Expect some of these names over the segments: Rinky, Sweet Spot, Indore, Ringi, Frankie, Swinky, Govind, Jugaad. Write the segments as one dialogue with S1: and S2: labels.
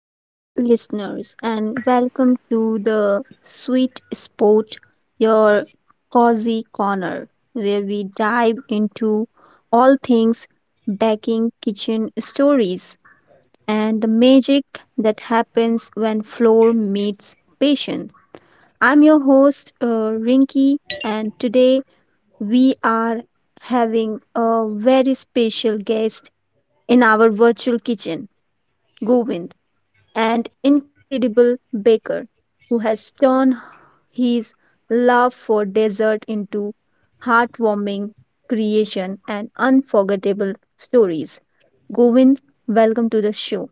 S1: sweet listeners, and welcome to the Sweet Spot, your cozy corner, where we dive into all things baking, kitchen stories, and the magic that happens when floor meets patient. I'm your host, Rinky, and today we are having a very special guest in our virtual kitchen, Govind and incredible baker who has turned his love for dessert into heartwarming creation and unforgettable stories. Govind, welcome to the show.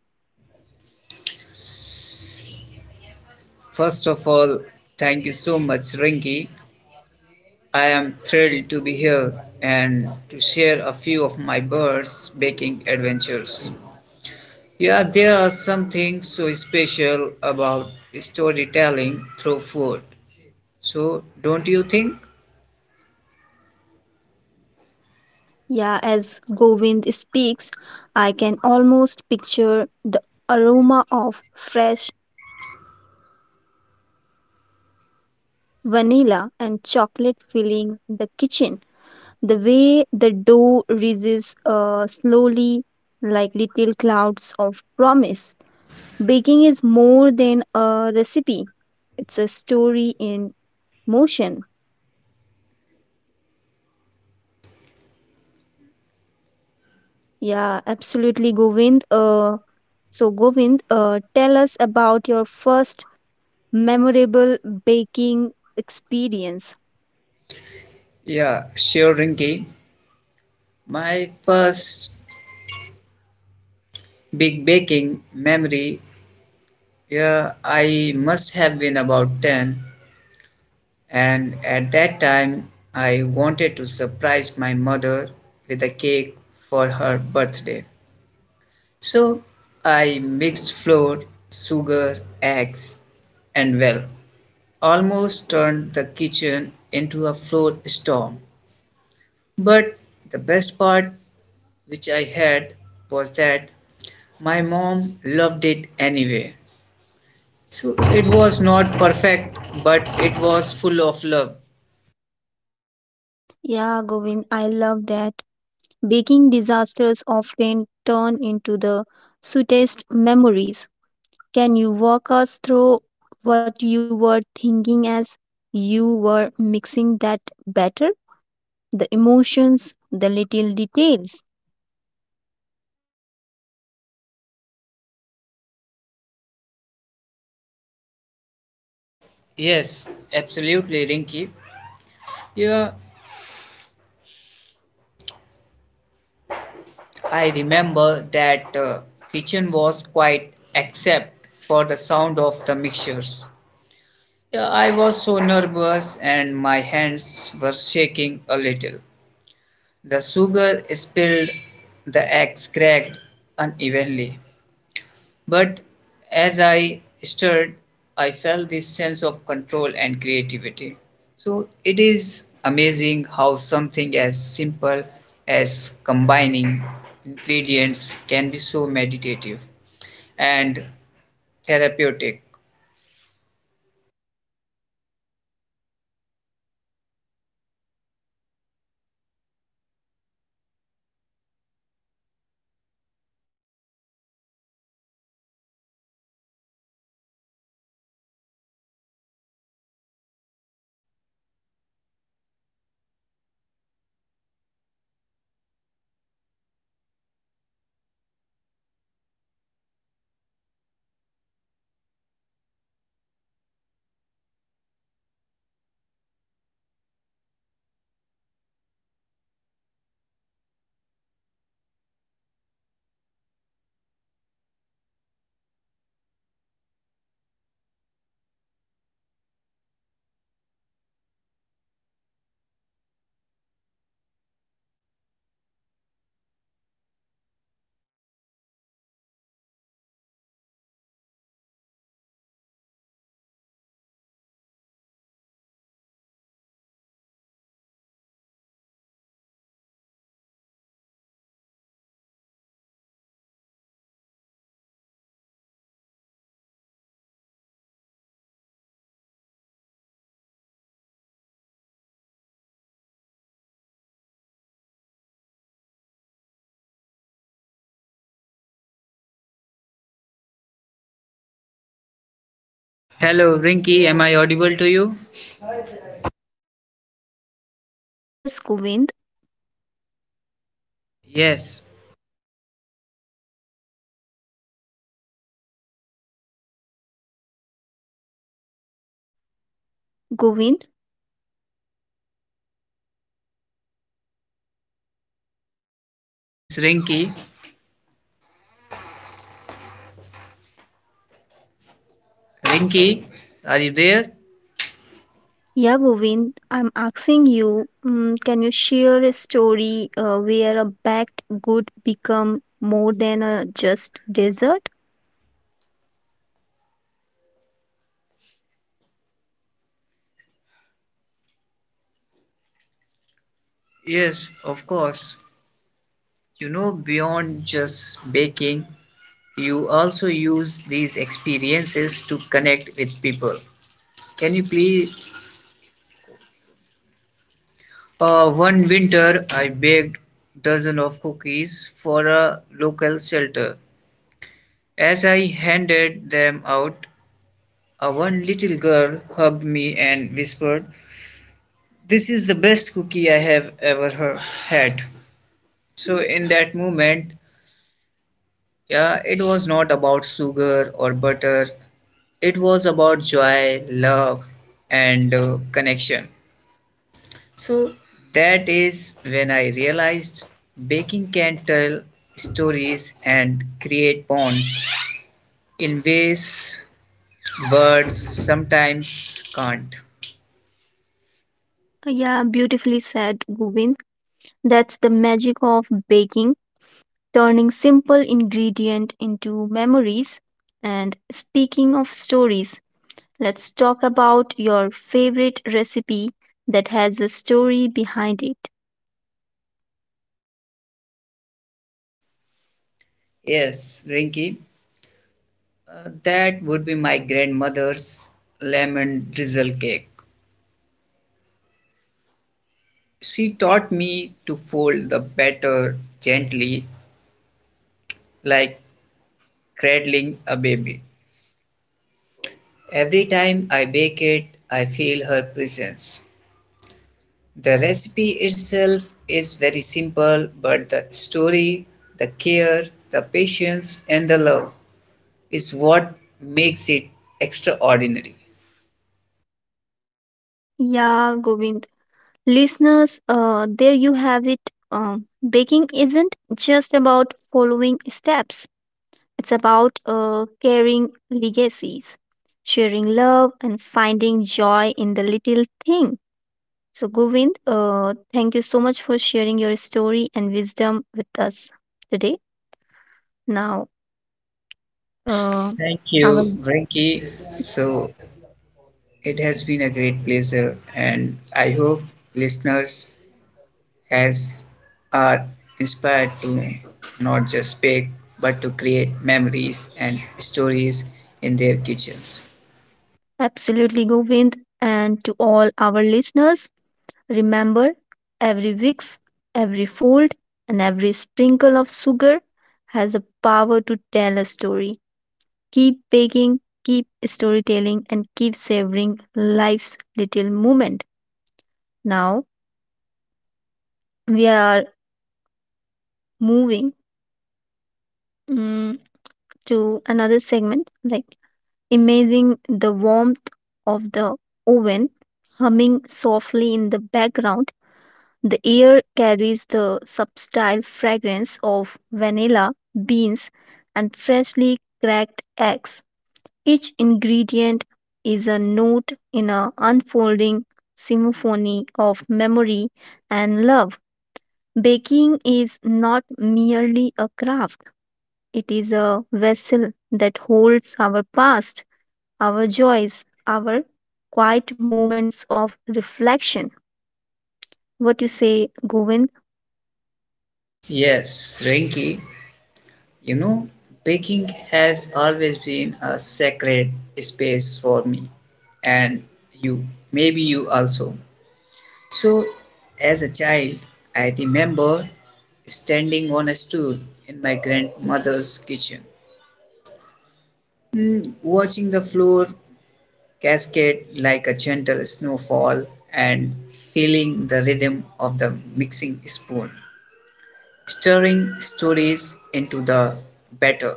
S2: First of all, thank you so much, Rinky. I am thrilled to be here and to share a few of my birds baking adventures. Yeah, there are some things so special about storytelling through food. So, don't you think?
S1: Yeah, as Govind speaks, I can almost picture the aroma of fresh vanilla and chocolate filling the kitchen. The way the dough rises slowly like little clouds of promise. Baking is more than a recipe, it's a story in motion. Yeah, absolutely, Govind. So, Govind, tell us about your first memorable baking experience.
S2: Yeah, sure, Rinky. My first big baking memory, yeah, I must have been about 10. And at that time, I wanted to surprise my mother with a cake for her birthday. So I mixed flour, sugar, eggs, and well, almost turned the kitchen into a flour storm. But the best part which I had was that my mom loved it anyway. So it was not perfect, but it was full of love.
S1: Yeah, Govind, I love that. Baking disasters often turn into the sweetest memories. Can you walk us through what you were thinking as you were mixing that batter? The emotions, the little details.
S2: Yes, absolutely, Rinky. Yeah, I remember that kitchen was quiet except for the sound of the mixtures. Yeah, I was so nervous and my hands were shaking a little. The sugar spilled, the eggs cracked unevenly, but as I stirred, I felt this sense of control and creativity. So it is amazing how something as simple as combining ingredients can be so meditative and therapeutic.
S1: Listeners, can you imagine that moment? The chaos of a young baker, the thrill of creation, and the smell of, yeah. Can you imagine the moment? The chaos of a younger baker,
S2: Yeah,
S1: the thrill
S2: Rinky, am
S1: of
S2: I audible to
S1: creation,
S2: you?
S1: the smell of vanilla in the air. It's almost cinematic. Floor
S2: Rinky?
S1: floating like tiny snowflakes, and a small trumpet smile as a cake takes shape. So, Govind, beyond just baking, so you can also use this experience to connect with people. Can you share a story where a baked good become more than just dessert?
S2: Hello, Rinky, am I audible to you?
S1: Yes, Govind.
S2: Yes,
S1: Govind.
S2: yes, Rinky. Rinky, are you there?
S1: Yeah, Govind, I'm asking you, mm, can you share a story where a baked good become more than a just dessert?
S2: Yes, of course. You know, beyond just baking, you also use these experiences to connect with people. Can you please? One winter, I baked dozen of cookies for a local shelter. As I handed them out, a one little girl hugged me and whispered, "This is the best cookie I have ever had." So in that moment, yeah, it was not about sugar or butter. It was about joy, love, and connection. So that is when I realized baking can tell stories and create bonds in ways words sometimes can't.
S1: Yeah, beautifully said, Govind. That's the magic of baking, turning simple ingredient into memories. And speaking of stories, let's talk about your favorite recipe that has a story behind it.
S2: Yes, Rinky, that would be my grandmother's lemon drizzle cake. She taught me to fold the batter gently like cradling a baby. Every time I bake it, I feel her presence. The recipe itself is very simple, but the story, the care, the patience, and the love is what makes it extraordinary.
S1: Yeah, Govind. Listeners, there you have it. Baking isn't just about following steps, it's about carrying legacies, sharing love, and finding joy in the little thing. So, Govind, thank you so much for sharing your story and wisdom with us today. Now, uh,
S2: Thank
S1: I
S2: you,
S1: will
S2: Frankie. So it has been a great pleasure, and I hope listeners has are inspired to not just bake but to create memories and stories in their kitchens.
S1: absolutely, Govind, and to all our listeners. Remember, every wicks, every fold, and every sprinkle of sugar has the power to tell a story. Keep baking, keep storytelling, and keep savoring life's little moment. Now we are moving mm, to another segment like imagining the warmth of the oven humming softly in the background. The air carries the subtle fragrance of vanilla, beans, and freshly cracked eggs. Each ingredient is a note in an unfolding symphony of memory and love. Baking is not merely a craft, it is a vessel that holds our past, our joys, our quiet moments of reflection. What you say, Govind?
S2: Yes, Rinky, you know, baking has always been a sacred space for me and you, maybe you also. So, as a child, I remember standing on a stool in my grandmother's kitchen, watching the floor cascade like a gentle snowfall and feeling the rhythm of the mixing spoon, stirring stories into the batter.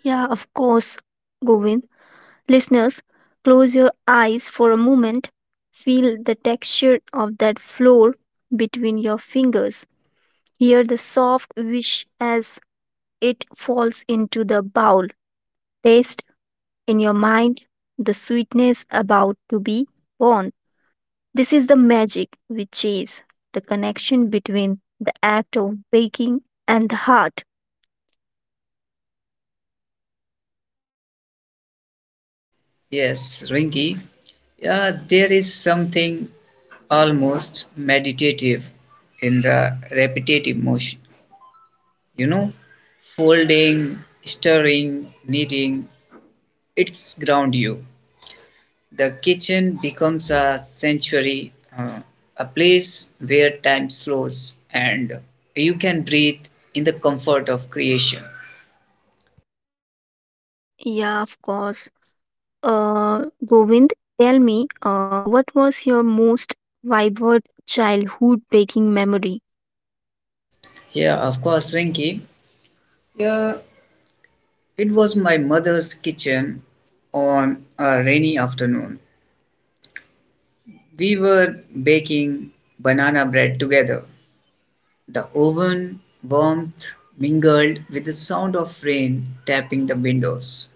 S1: Yeah, of course, Govind. Listeners, close your eyes for a moment. Feel the texture of that floor between your fingers. Hear the soft whish as it falls into the bowl. Taste in your mind the sweetness about to be born. This is the magic with cheese, the connection between the act of baking and the heart.
S2: Yes, Ringy, yeah, there is something almost meditative in the repetitive motion. You know, folding, stirring, kneading, it's ground you. The kitchen becomes a sanctuary, a place where time slows and you can breathe in the comfort of creation.
S1: Yeah, of course. Govind, tell me, what was your most vibrant childhood baking memory?
S2: Yeah, of course, Rinky. Yeah, it was my mother's kitchen on a rainy afternoon. We were baking banana bread together. The oven warmth mingled with the sound of rain tapping the windows.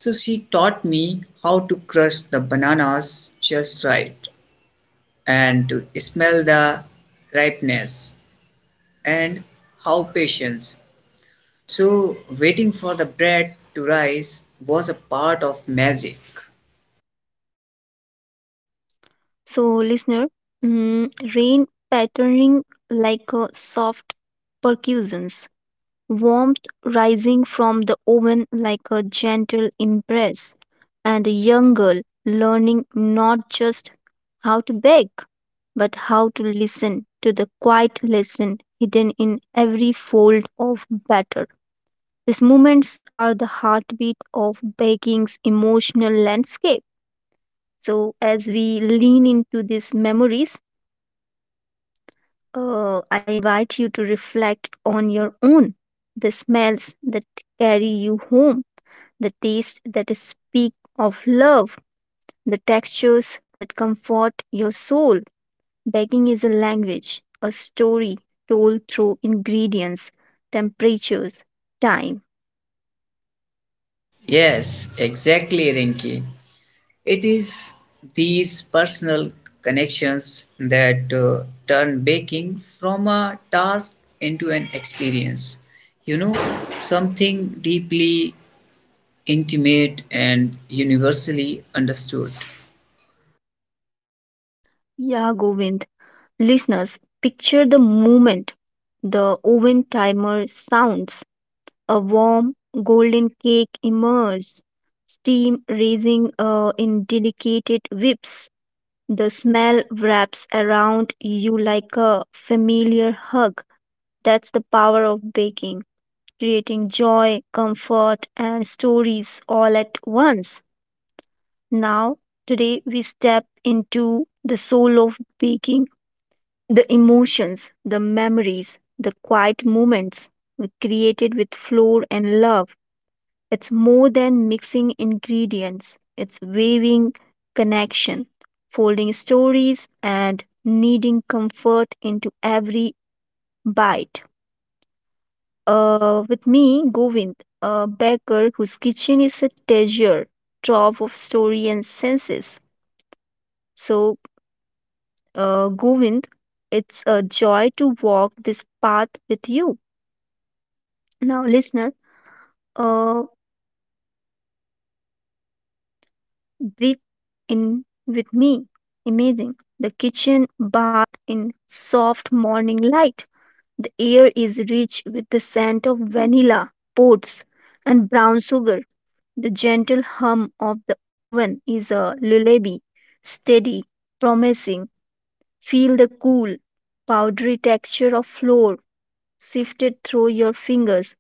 S2: So she taught me how to crush the bananas just right and to smell the ripeness and how patience. So waiting for the bread to rise was a part of magic.
S1: So, listener, mm, rain pattering like a soft percussions, warmth rising from the oven like a gentle embrace, and a young girl learning not just how to bake, but how to listen to the quiet lesson hidden in every fold of batter. These moments are the heartbeat of baking's emotional landscape. So, as we lean into these memories, I invite you to reflect on your own the smells that carry you home, the taste that speak of love, the textures that comfort your soul. Baking is a language, a story told through ingredients, temperatures, time.
S2: Yes, exactly, Rinki. It is these personal connections that turn baking from a task into an experience. You know, something deeply intimate and universally understood.
S1: Yeah, Govind. Listeners, picture the moment the oven timer sounds, a warm golden cake emerges, steam rising in delicate whips. The smell wraps around you like a familiar hug. That's the power of baking, creating joy, comfort, and stories all at once. Now, today we step into the soul of baking the emotions, the memories, the quiet moments were created with flow and love. It's more than mixing ingredients, it's weaving connection, folding stories, and kneading comfort into every bite. With me, Govind, a baker whose kitchen is a treasure trove of story and senses. So, Govind, it's a joy to walk this path with you. Now, listener, uh, breathe in with me. Imagine the kitchen bath in soft morning light. The air is rich with the scent of vanilla, oats, and brown sugar. The gentle hum of the oven is a lullaby, steady, promising. Feel the cool, powdery texture of flour sifted through your fingers.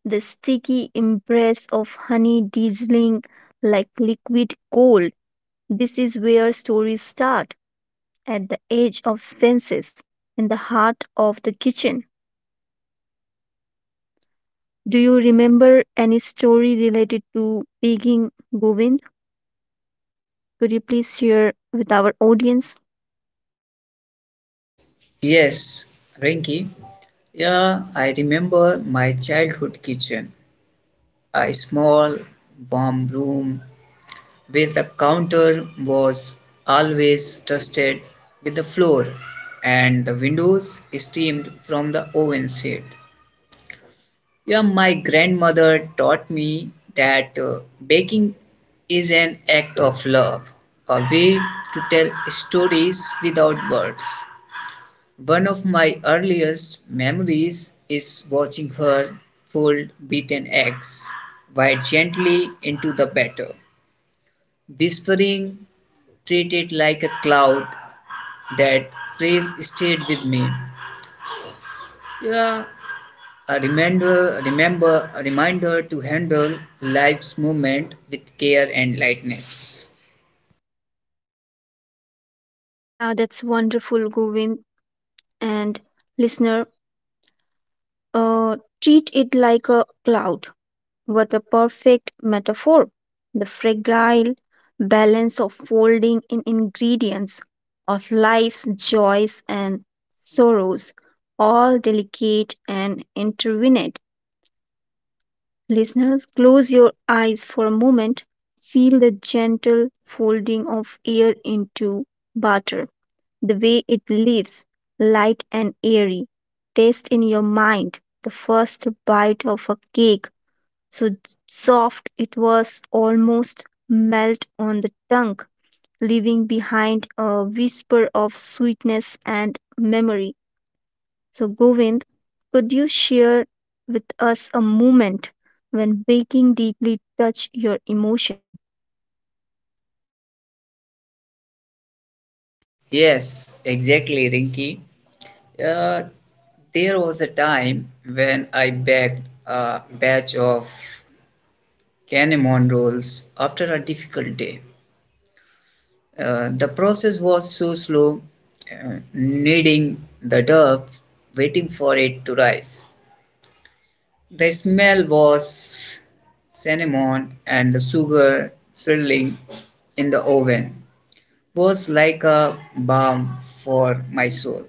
S1: The sticky embrace of honey drizzling like liquid gold. This is where stories start, at the edge of senses, in the heart of the kitchen. Do you remember any story related to baking, Govind? Could you please share with our audience?
S2: Yes, Rinki. Yeah, I remember my childhood kitchen. A small, warm room where the counter was always dusted with the floor and the windows steamed from the oven seat. Yeah, my grandmother taught me that baking is an act of love, a way to tell stories without words. One of my earliest memories is watching her fold beaten eggs white gently into the batter, whispering, treat it like a cloud. That phrase stayed with me. Yeah, a reminder to handle life's movement with care and lightness.
S1: Yeah, that's wonderful, Govind. And listener, uh, treat it like a cloud. What a perfect metaphor! The fragile balance of folding in ingredients of life's joys and sorrows, all delicate and intertwined. Listeners, close your eyes for a moment. Feel the gentle folding of air into butter, the way it leaves, light and airy. Taste in your mind the first bite of a cake so soft it was almost melt on the tongue, leaving behind a whisper of sweetness and memory. So, Govind, could you share with us a moment when baking deeply touched your emotion?
S2: Yes, exactly, Rinki. Uh, there was a time when I baked a batch of cinnamon rolls after a difficult day. The process was so slow, kneading the dough, waiting for it to rise. The smell was cinnamon and the sugar swirling in the oven was like a balm for my soul.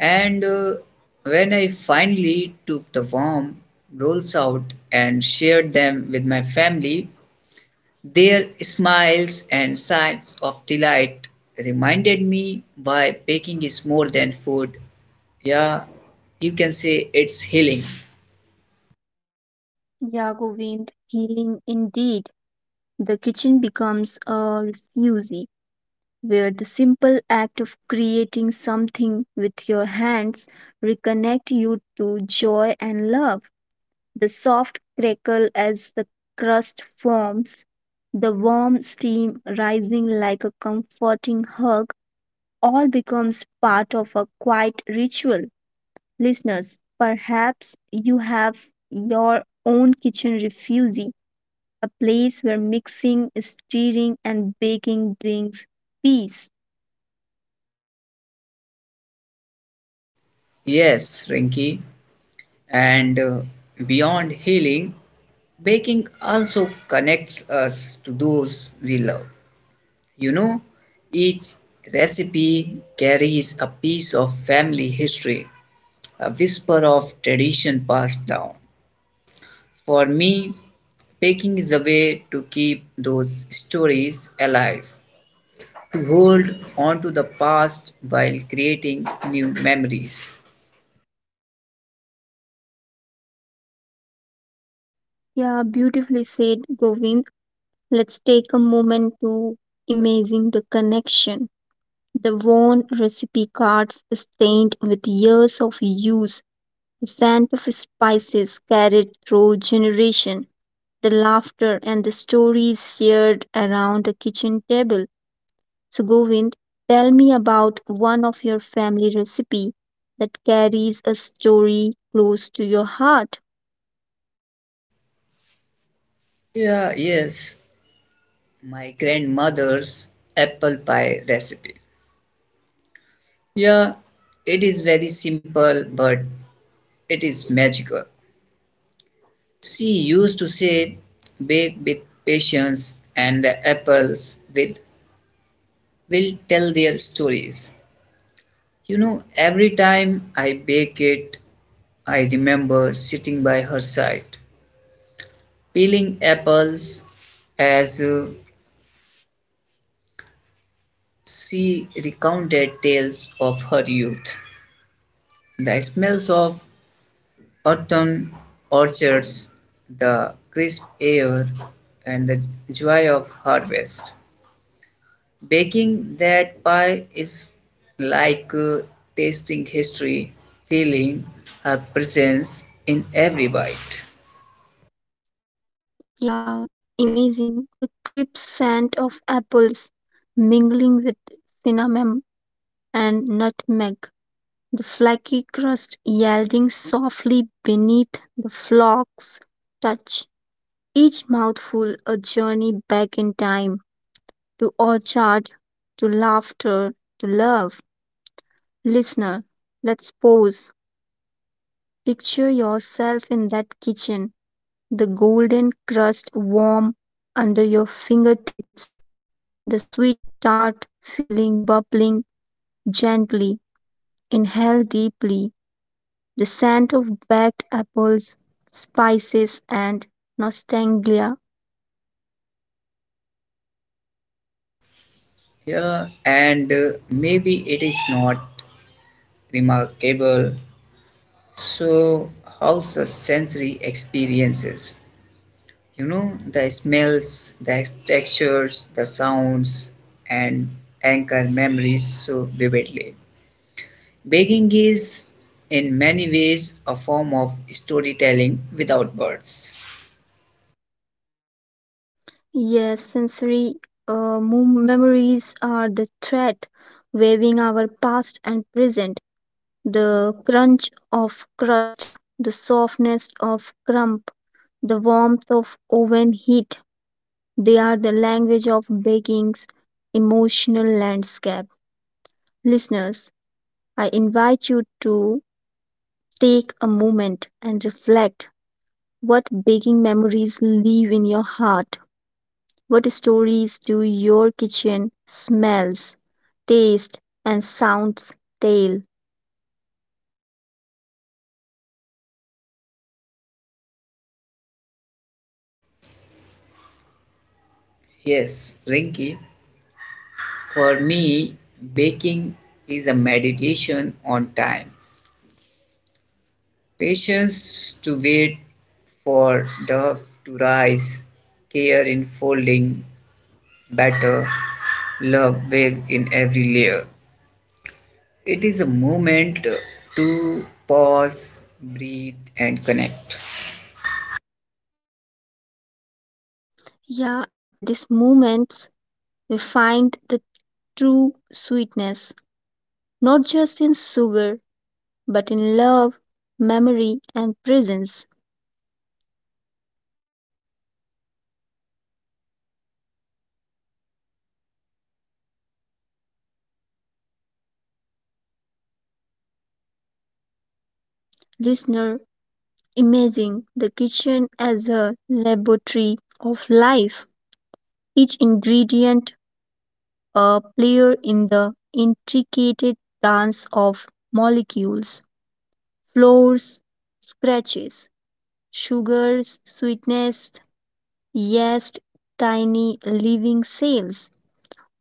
S2: And when I finally took the warm rolls out and shared them with my family, their smiles and sighs of delight reminded me why baking is more than food. Yeah, you can say it's healing.
S1: Yeah, Govind, healing indeed. The kitchen becomes a refuge where the simple act of creating something with your hands reconnect you to joy and love. The soft crackle as the crust forms, the warm steam rising like a comforting hug, all becomes part of a quiet ritual. Listeners, perhaps you have your own kitchen refugee, a place where mixing, stirring, and baking brings peace.
S2: Yes, Rinky. And beyond healing, baking also connects us to those we love. You know, each recipe carries a piece of family history, a whisper of tradition passed down. For me, baking is a way to keep those stories alive, to hold on to the past while creating new memories.
S1: Yeah, beautifully said, Govind. Let's take a moment to imagine the connection. The worn recipe cards stained with years of use, the scent of spices carried through generation, the laughter and the stories shared around the kitchen table. So Govind, tell me about one of your family recipe that carries a story close to your heart.
S2: Yeah, yes, my grandmother's apple pie recipe. Yeah, it is very simple, but it is magical. She used to say, bake with patience, and the apples with will tell their stories. You know, every time I bake it, I remember sitting by her side, peeling apples as she recounted tales of her youth. The smells of autumn orchards, the crisp air, and the joy of harvest. Baking that pie is like tasting history, feeling her presence in every bite.
S1: Yeah, amazing. The crisp scent of apples mingling with cinnamon and nutmeg. The flaky crust yielding softly beneath the flocks touch. Each mouthful a journey back in time to orchard, to laughter, to love. Listener, let's pause. Picture yourself in that kitchen, the golden crust warm under your fingertips, the sweet tart feeling bubbling gently. Inhale deeply. The scent of baked apples, spices, and nostalgia.
S2: Yeah, and maybe it is not remarkable. So, how such sensory experiences, you know, the smells, the textures, the sounds, and anchor memories so vividly. Baking is in many ways a form of storytelling without words.
S1: Yes, sensory memories are the thread waving our past and present. The crunch of crust, the softness of crumb, the warmth of oven heat. They are the language of baking's emotional landscape. Listeners, I invite you to take a moment and reflect. What baking memories live in your heart? What stories do your kitchen smells, taste, and sounds tell?
S2: Yes, Rinky, for me, baking is a meditation on time, patience to wait for dough to rise, care in folding batter, love waved in every layer. It is a moment to pause, breathe, and connect.
S1: Yeah, and these moments we find the true sweetness, not just in sugar, but in love, memory, and presence. Listener, imagine the kitchen as a laboratory of life, each ingredient a player in the intricate dance of molecules, floors, scratches, sugars, sweetness, yeast, tiny living cells,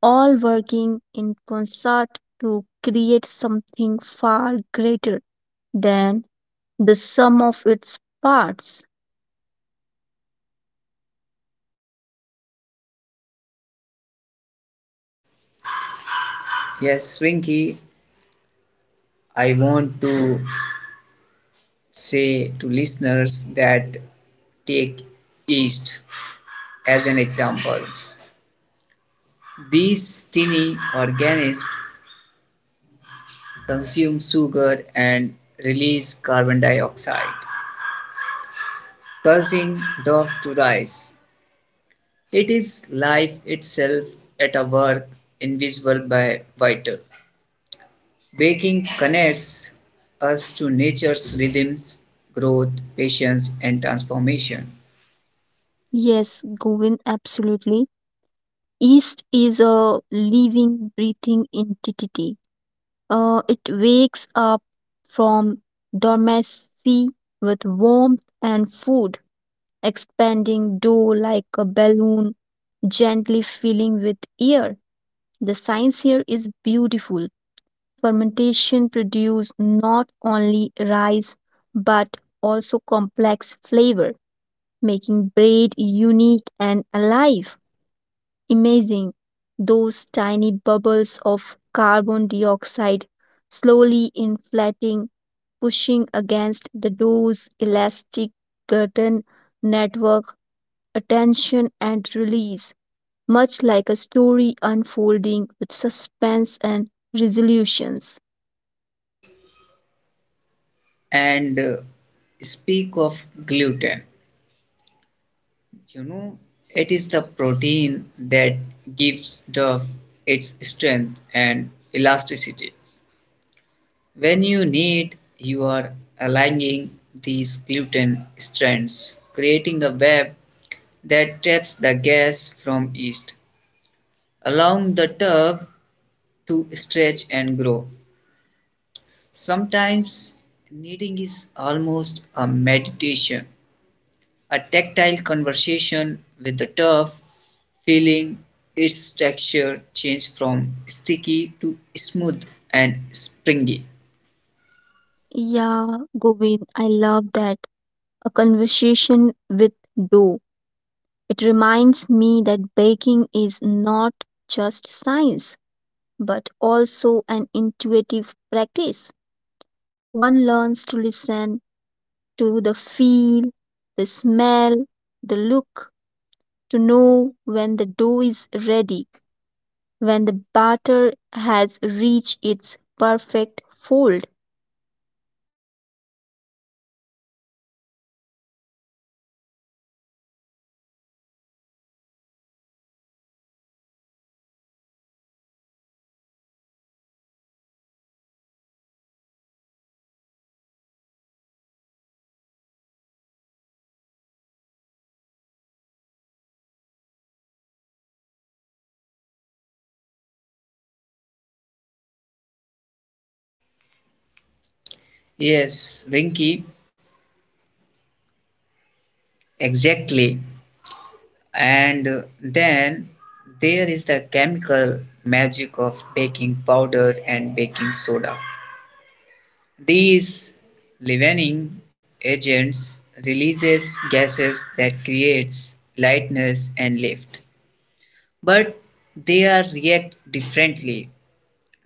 S1: all working in concert to create something far greater than the sum of its parts.
S2: Yes, Swinky, I want to say to listeners that take yeast as an example. These tiny organisms consume sugar and release carbon dioxide, causing dog to rise. It is life itself at a work invisible by vital. Baking connects us to nature's rhythms, growth, patience, and transformation.
S1: Yes, Govin, absolutely. Yeast is a living, breathing entity. It wakes up from dormancy with warmth and food, expanding dough like a balloon, gently filling with air. The science here is beautiful. Fermentation produces not only rice but also complex flavor, making bread unique and alive. Amazing. Those tiny bubbles of carbon dioxide slowly inflating pushing against the door's elastic curtain network, attention and release, much like a story unfolding with suspense and resolutions.
S2: And speak of gluten, you know, it is the protein that gives dough its strength and elasticity. When you knead, you are aligning these gluten strands, creating a web that traps the gas from yeast, allowing the dough to stretch and grow. Sometimes knitting is almost a meditation, a tactile conversation with the turf, feeling its texture change from sticky to smooth and springy.
S1: Yeah, Govind, I love that. A conversation with dough. It reminds me that baking is not just science, but also an intuitive practice. One learns to listen to the feel, the smell, the look to know when the dough is ready, when the batter has reached its perfect fold.
S2: Yes, Rinky, exactly. And then there is the chemical magic of baking powder and baking soda. These leavening agents releases gases that creates lightness and lift, but they are react differently.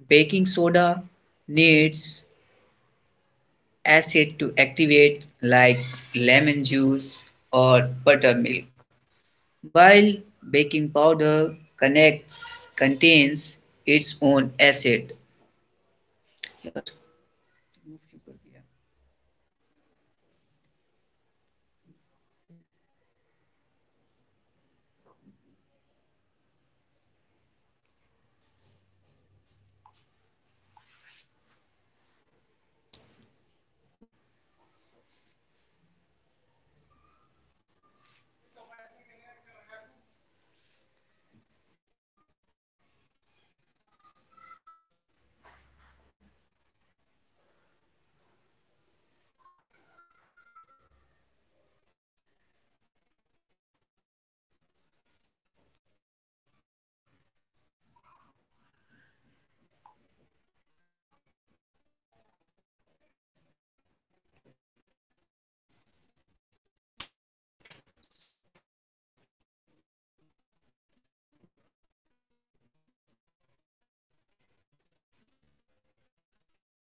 S2: Baking soda needs acid to activate like lemon juice or buttermilk, while baking powder connects contains its own acid. Yes.